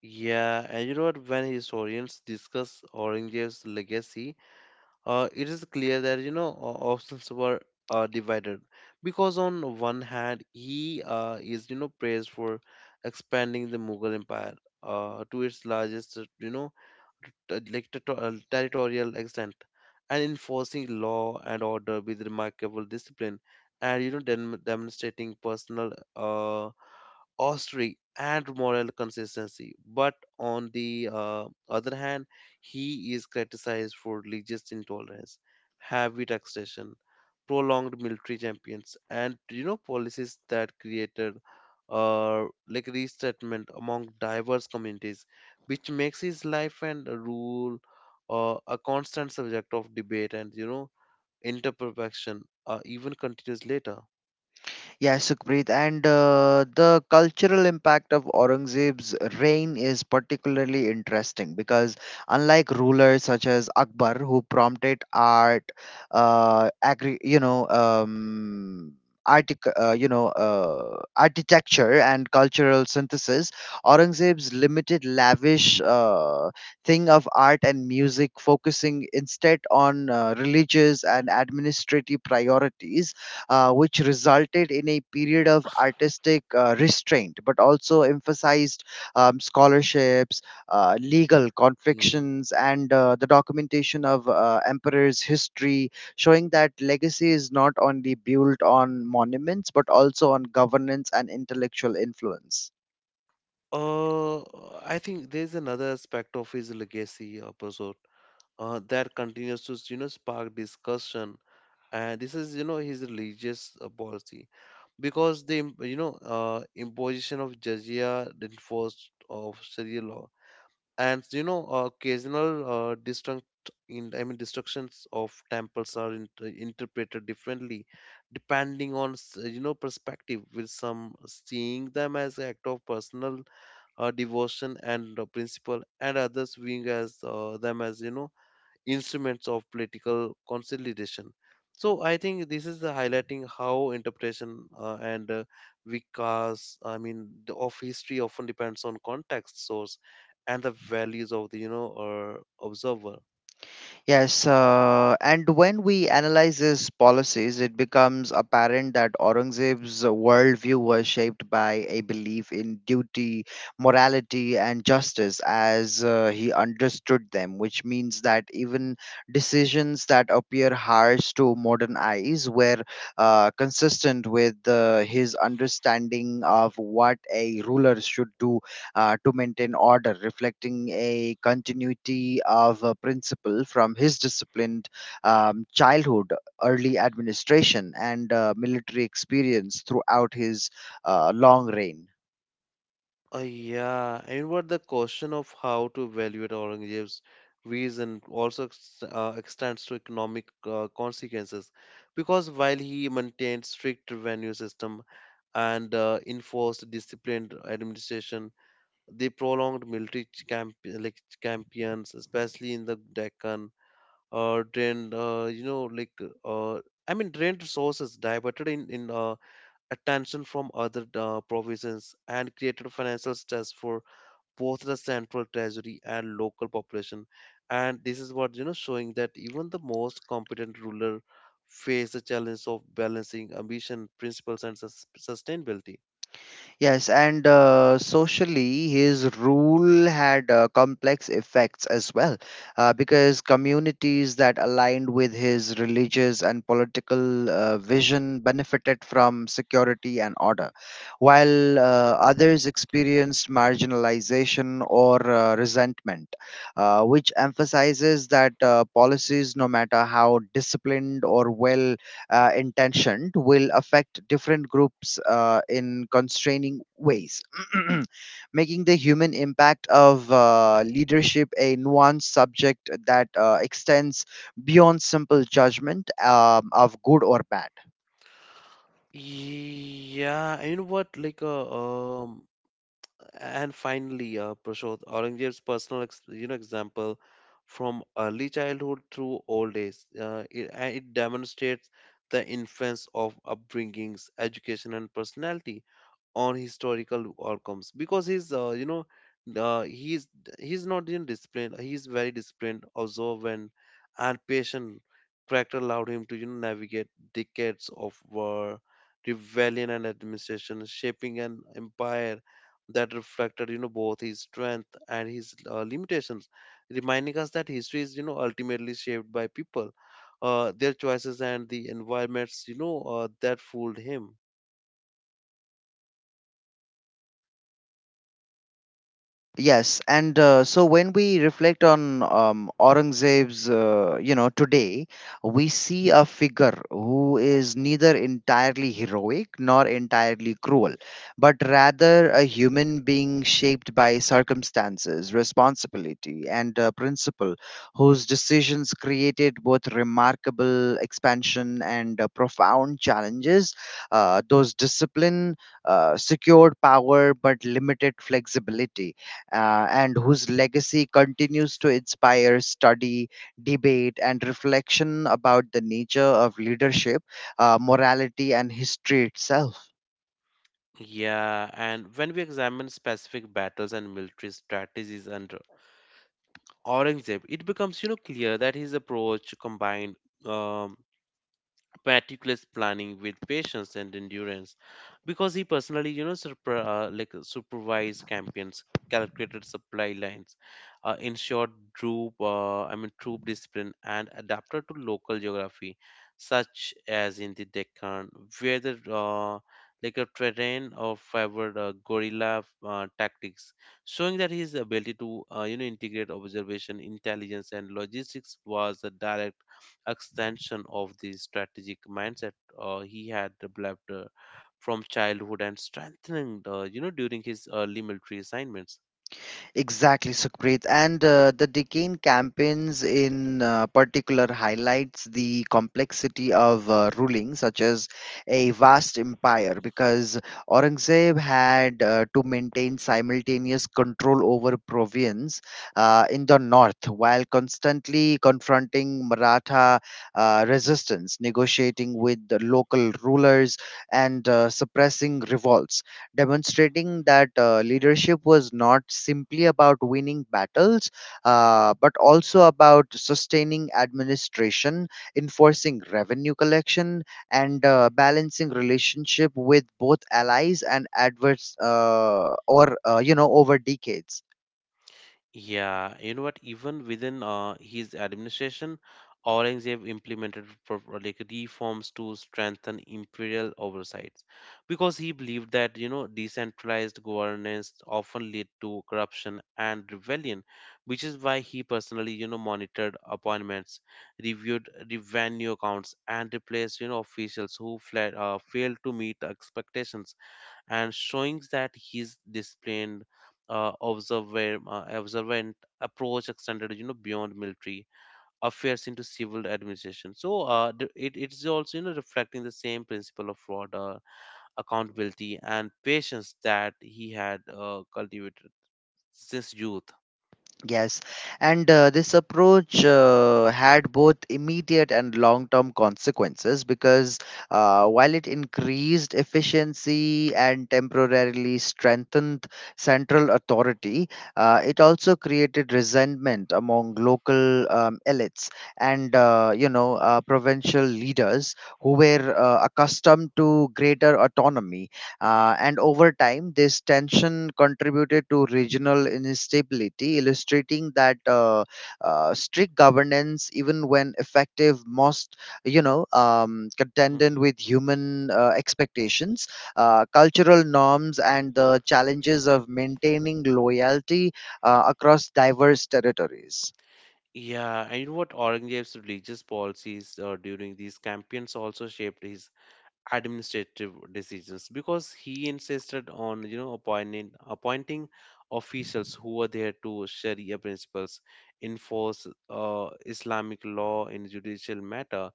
[SPEAKER 1] Yeah, and you know what? When historians discuss Orange's legacy, it is clear that options were divided because on one hand he is you know praised for expanding the mughal empire to its largest territorial extent and enforcing law and order with remarkable discipline and you know demonstrating personal austerity and moral consistency. But on the other hand, he is criticized for religious intolerance, heavy taxation, prolonged military champions, and you know policies that created like resettlement among diverse communities, which makes his life and rule a constant subject of debate and you know interperfection even continues later.
[SPEAKER 2] Yes, Sukhpreet, and the cultural impact of Aurangzeb's reign is particularly interesting because, unlike rulers such as Akbar, who prompted art, uh, agri- you know, um, architecture and cultural synthesis, Aurangzeb's limited, lavish thing of art and music, focusing instead on religious and administrative priorities, which resulted in a period of artistic restraint, but also emphasized scholarships, legal
[SPEAKER 1] Mm-hmm.
[SPEAKER 2] confections, and the documentation of emperors' history, showing that legacy is not only built on monuments but also on governance and intellectual influence.
[SPEAKER 1] Uh, I think there's another aspect of his legacy, Prasad, that continues to, you know, spark discussion. And this is, you know, his religious policy because the imposition of jizya, the enforced of Sharia law, and you know, occasional uh, destruct I mean, destructions of temples are interpreted differently depending on, you know, perspective. With some seeing them as act of personal devotion and principle, and others viewing as them as you know instruments of political consolidation. So I think this is the highlighting how interpretation and because I mean the, of history often depends on context source and the values of the observer.
[SPEAKER 2] Yes, and when we analyze his policies, it becomes apparent that Aurangzeb's worldview was shaped by a belief in duty, morality, and justice as he understood them, which means that even decisions that appear harsh to modern eyes were consistent with his understanding of what a ruler should do to maintain order, reflecting a continuity of a principle from his disciplined childhood, early administration, and military experience throughout his long reign.
[SPEAKER 1] Yeah, and what the question of how to evaluate Aurangzeb's reason also extends to economic consequences, because while he maintained strict revenue system and enforced disciplined administration, the prolonged military ch- camp like campaigns, especially in the Deccan, drained you know like uh, I mean drained resources, diverted in attention from other provisions, and created financial stress for both the central treasury and local population, and this is what you know showing that even the most competent ruler face the challenge of balancing ambition principles and sustainability.
[SPEAKER 2] Yes, and socially, his rule had complex effects as well, because communities that aligned with his religious and political vision benefited from security and order, while others experienced marginalization or resentment, which emphasizes that policies, no matter how disciplined or well intentioned, will affect different groups in constraining ways, making the human impact of leadership a nuanced subject that extends beyond simple judgment of good or bad.
[SPEAKER 1] Yeah and you know what like uh, um and finally, Prashod, Aurangzeb's personal you know example from early childhood through old age, and it demonstrates the influence of upbringings, education, and personality on historical outcomes because uh, he's he's not in disciplined he's very disciplined, observant, and patient character allowed him to you know navigate decades of war, rebellion, and administration, shaping an empire that reflected you know both his strength and his limitations, reminding us that history is you know ultimately shaped by people, their choices, and the environments that fooled him.
[SPEAKER 2] Yes, and so when we reflect on Aurangzeb's, today, we see a figure who is neither entirely heroic nor entirely cruel, but rather a human being shaped by circumstances, responsibility, and principle, whose decisions created both remarkable expansion and profound challenges. Those discipline secured power but limited flexibility, and whose legacy continues to inspire study, debate, and reflection about the nature of leadership, morality, and history itself.
[SPEAKER 1] Yeah, and when we examine specific battles and military strategies under Aurangzeb, it becomes, you know, clear that his approach combined um, meticulous planning with patience and endurance because he personally you know supervised campaigns, calculated supply lines, ensured troop I mean troop discipline, and adapted to local geography such as in the deccan where the like a terrain of favored guerrilla tactics, showing that his ability to you know integrate observation, intelligence, and logistics was a direct extension of the strategic mindset he had developed, from childhood and strengthening you know during his early military assignments.
[SPEAKER 2] Exactly, Sukrit. And The Deccan campaigns in particular highlights the complexity of ruling, such as a vast empire, because Aurangzeb had to maintain simultaneous control over province in the north while constantly confronting Maratha resistance, negotiating with the local rulers, and suppressing revolts, demonstrating that leadership was not simply about winning battles, but also about sustaining administration, enforcing revenue collection, and balancing relationship with both allies and adverse or you know over decades.
[SPEAKER 1] Yeah, you know what? Even within his administration, Aurangzeb implemented like reforms to strengthen imperial oversight, because he believed that you know decentralized governance often lead to corruption and rebellion, which is why he personally you know monitored appointments, reviewed revenue accounts, and replaced you know officials who fled, failed to meet the expectations, and showing that his disciplined observant approach extended you know beyond military affairs into civil administration, so it is also you know reflecting the same principle of order, accountability, and patience that he had cultivated since youth.
[SPEAKER 2] Yes, and this approach had both immediate and long term consequences because while it increased efficiency and temporarily strengthened central authority, it also created resentment among local elites and provincial leaders who were accustomed to greater autonomy, and over time, this tension contributed to regional instability, illustrating that strict governance, even when effective, must contended
[SPEAKER 1] Mhm.
[SPEAKER 2] with human expectations, cultural norms, and the challenges of maintaining loyalty across diverse territories.
[SPEAKER 1] Yeah, and you know what? Aurangzeb's religious policies during these campaigns also shaped his administrative decisions because he insisted on you know appointing officials who were there to sharia principles, enforce islamic law in judicial matter,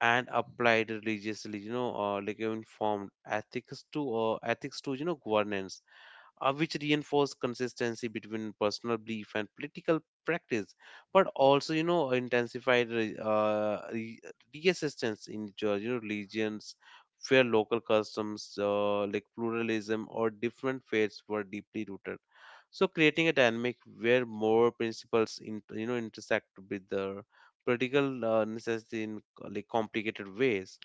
[SPEAKER 1] and applied religiously you know like informed ethics to you know governance, which reinforce consistency between personal belief and political practice, but also you know intensified resistance in your, you know, religions where local customs like pluralism or different faiths were deeply rooted. So creating a dynamic where more principles in, you know intersect with the political necessity in like complicated ways.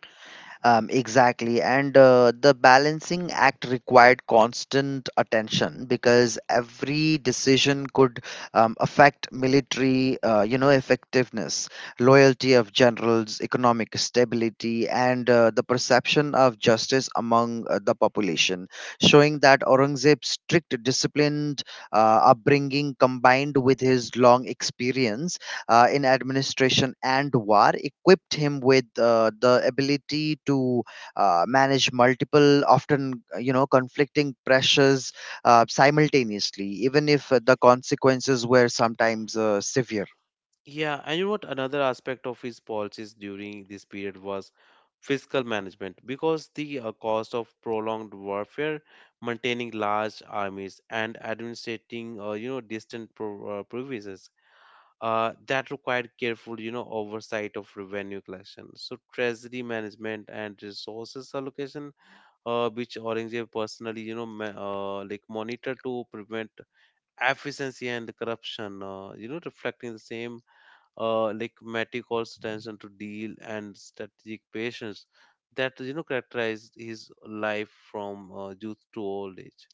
[SPEAKER 2] Exactly. And the balancing act required constant attention because every decision could affect military, effectiveness, loyalty of generals, economic stability, and the perception of justice among the population, showing that Aurangzeb's strict, disciplined upbringing combined with his long experience in administration and war equipped him with the ability to manage multiple, often conflicting pressures simultaneously, even if the consequences were sometimes severe.
[SPEAKER 1] Yeah, and you know what? Another aspect of his policies during this period was fiscal management because the cost of prolonged warfare, maintaining large armies, and administrating, you know, distant provinces. That required careful, you know, oversight of revenue collection. So treasury management and resources allocation, which Aurangzeb personally, you know, monitor to prevent efficiency and corruption. You know, reflecting the same like meticulous attention to deal and strategic patience that you know characterized his life from youth to old age.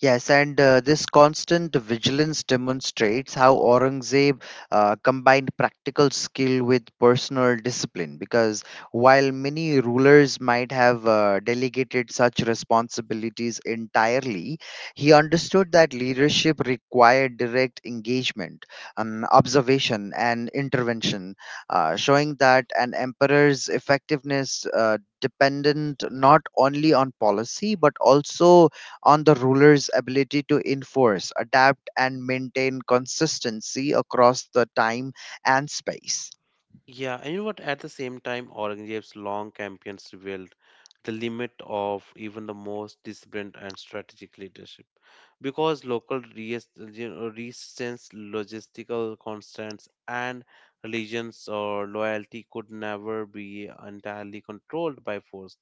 [SPEAKER 2] Yes, and this constant vigilance demonstrates how Aurangzeb combined practical skill with personal discipline. Because while many rulers might have delegated such responsibilities entirely, he understood that leadership required direct engagement, observation, and intervention, showing that an emperor's effectiveness dependent not only on policy but also on the ruler's ability to enforce, adapt, and maintain consistency across the time and space.
[SPEAKER 1] Yeah, and you know what? At the same time, Aurangzeb's long campaigns revealed the limit of even the most disciplined and strategic leadership, because local you know, resistance, logistical constraints, and religions or loyalty could never be entirely controlled by force,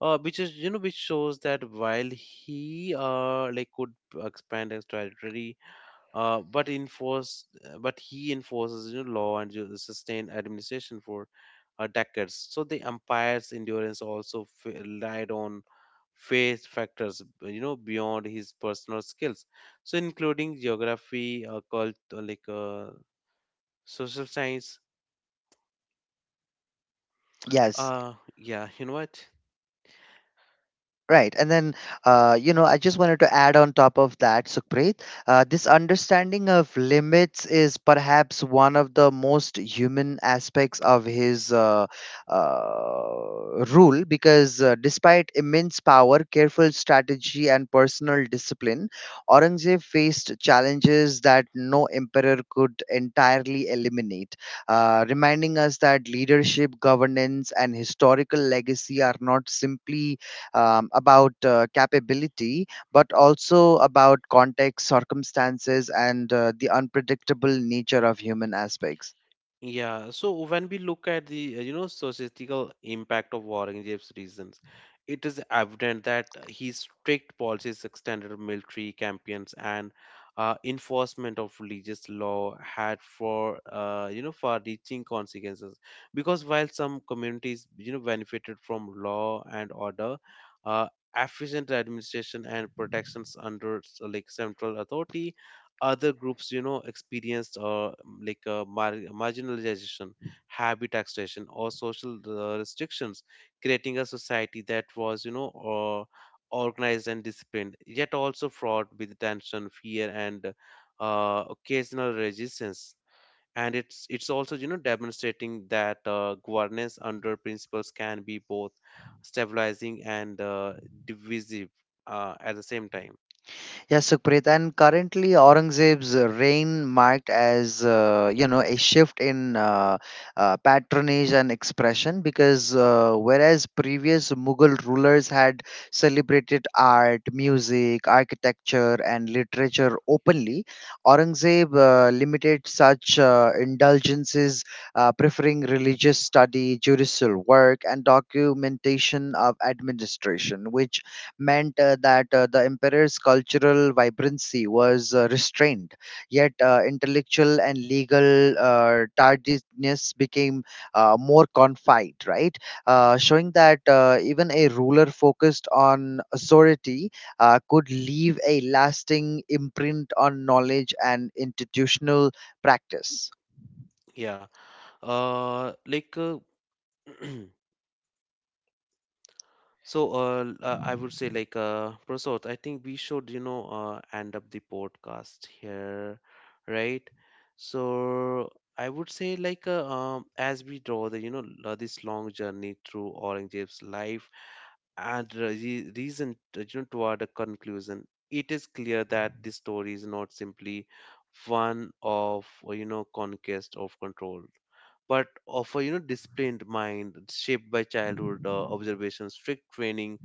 [SPEAKER 1] which is you know which shows that while he could expand his territory, uh but enforce but he enforces you know law and you sustain administration for decades, so the empire's endurance also relied on faith factors you know beyond his personal skills, so including geography, cult like social science.
[SPEAKER 2] Yes.
[SPEAKER 1] Yeah you know what
[SPEAKER 2] Right. And then, I just wanted to add on top of that, Sukhpreet. This understanding of limits is perhaps one of the most human aspects of his rule because despite immense power, careful strategy, and personal discipline, Aurangzeb faced challenges that no emperor could entirely eliminate, reminding us that leadership, governance, and historical legacy are not simply about capability, but also about context, circumstances, and the unpredictable nature of human aspects.
[SPEAKER 1] Yeah, so when we look at the you know societal impact of Warren Jeff's reasons, it is evident that his strict policies, extended military campaigns, and enforcement of religious law had for you know far-reaching consequences. Because while some communities you know benefited from law and order, uh, efficient administration and protections under like central authority, other groups you know experienced marginalization, habit extraction, or social restrictions, creating a society that was you know organized and disciplined yet also fraught with tension, fear, and occasional resistance, and it's also you know demonstrating that governance under principles can be both stabilizing and divisive at the same time.
[SPEAKER 2] Yes, Sukhpreet, and currently Aurangzeb's reign marked as a shift in patronage and expression because whereas previous Mughal rulers had celebrated art, music, architecture, and literature openly, Aurangzeb limited such indulgences, preferring religious study, judicial work, and documentation of administration, which meant that the emperor's cultural vibrancy was restrained, yet intellectual and legal tardiness became more confined, right? Showing that even a ruler focused on authority could leave a lasting imprint on knowledge and institutional practice.
[SPEAKER 1] yeah uh like uh, So, I would say, like, Prasad, I think we should, you know, end up the podcast here, right? So, I would say, like, as we draw the, you know, this long journey through Aurangzeb's life and re reason, you know, toward a conclusion, it is clear that this story is not simply one of, you know, conquest of control but of a you know disciplined mind shaped by childhood observation, strict training,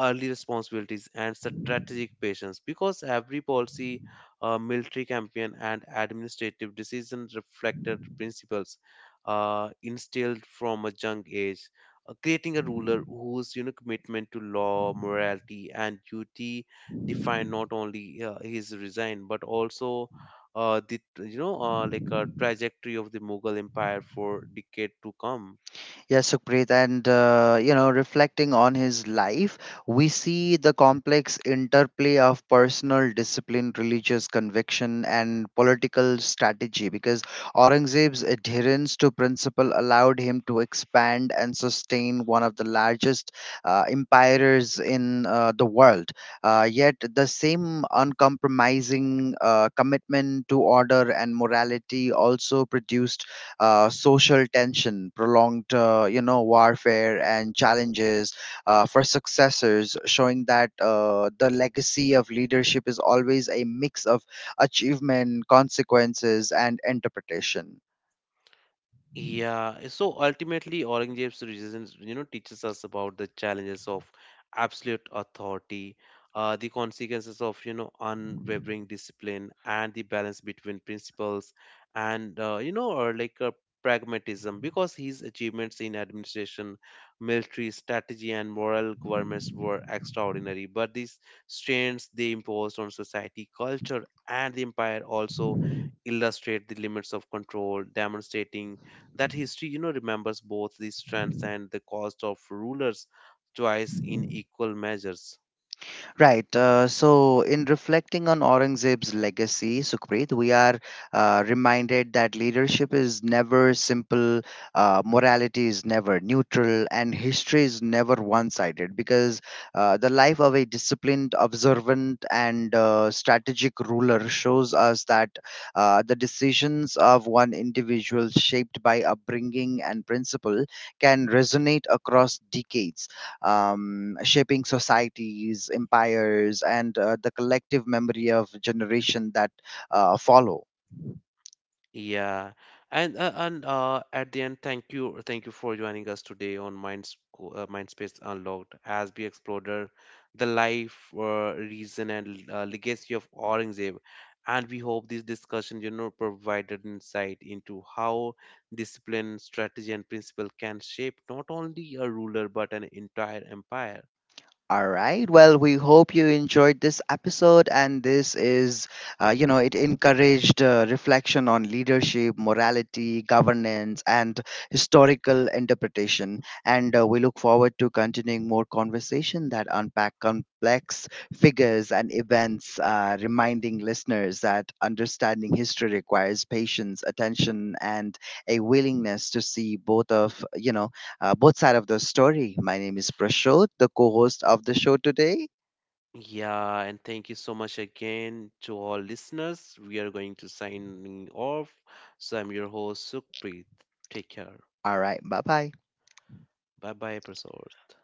[SPEAKER 1] early responsibilities, and strategic patience because every policy, military campaign, and administrative decision reflected principles instilled from a young age, creating a ruler whose you know commitment to law, morality, and duty defined not only his resign but also the you know like a trajectory of the Mughal Empire for decade to come.
[SPEAKER 2] Yes, Supreet, and reflecting on his life, we see the complex interplay of personal discipline, religious conviction, and political strategy. Because Aurangzeb's adherence to principle allowed him to expand and sustain one of the largest empires in the world. Yet, the same uncompromising commitment to order and morality also produced social tension, prolonged, warfare and challenges for successors, showing that the legacy of leadership is always a mix of achievement, consequences, and interpretation.
[SPEAKER 1] Yeah, so ultimately, Aurangzeb's resistance, you know, teaches us about the challenges of absolute authority, the consequences of, you know, unwavering discipline, and the balance between principles and, you know, or like pragmatism. Because his achievements in administration, military strategy, and moral governments were extraordinary, but these strains they imposed on society, culture, and the empire also illustrate the limits of control, demonstrating that history you know remembers both the strengths and the cost of rulers choice in equal measures.
[SPEAKER 2] Right. So, in reflecting on Aurangzeb's legacy, Sukhpreet, we are reminded that leadership is never simple, morality is never neutral, and history is never one sided because the life of a disciplined, observant, and strategic ruler shows us that the decisions of one individual shaped by upbringing and principle can resonate across decades, shaping societies, empires, and the collective memory of generation that follow.
[SPEAKER 1] Yeah, and at the end, thank you, for joining us today on mindspace unlocked as we explored the life, reason, and legacy of aurangzeb, and we hope this discussion you know provided insight into how discipline, strategy, and principle can shape not only a ruler but an entire empire.
[SPEAKER 2] All right. Well, we hope you enjoyed this episode, and this is, it encouraged reflection on leadership, morality, governance, and historical interpretation. And we look forward to continuing more conversation that unpack complex figures and events, reminding listeners that understanding history requires patience, attention, and a willingness to see both sides of the story. My name is Prashod, the co-host of the show today.
[SPEAKER 1] Yeah, and thank you so much again to all listeners. We are going to signing off. So I'm your host Sukhpreet. Take care.
[SPEAKER 2] All right, bye bye.
[SPEAKER 1] Bye bye, episode.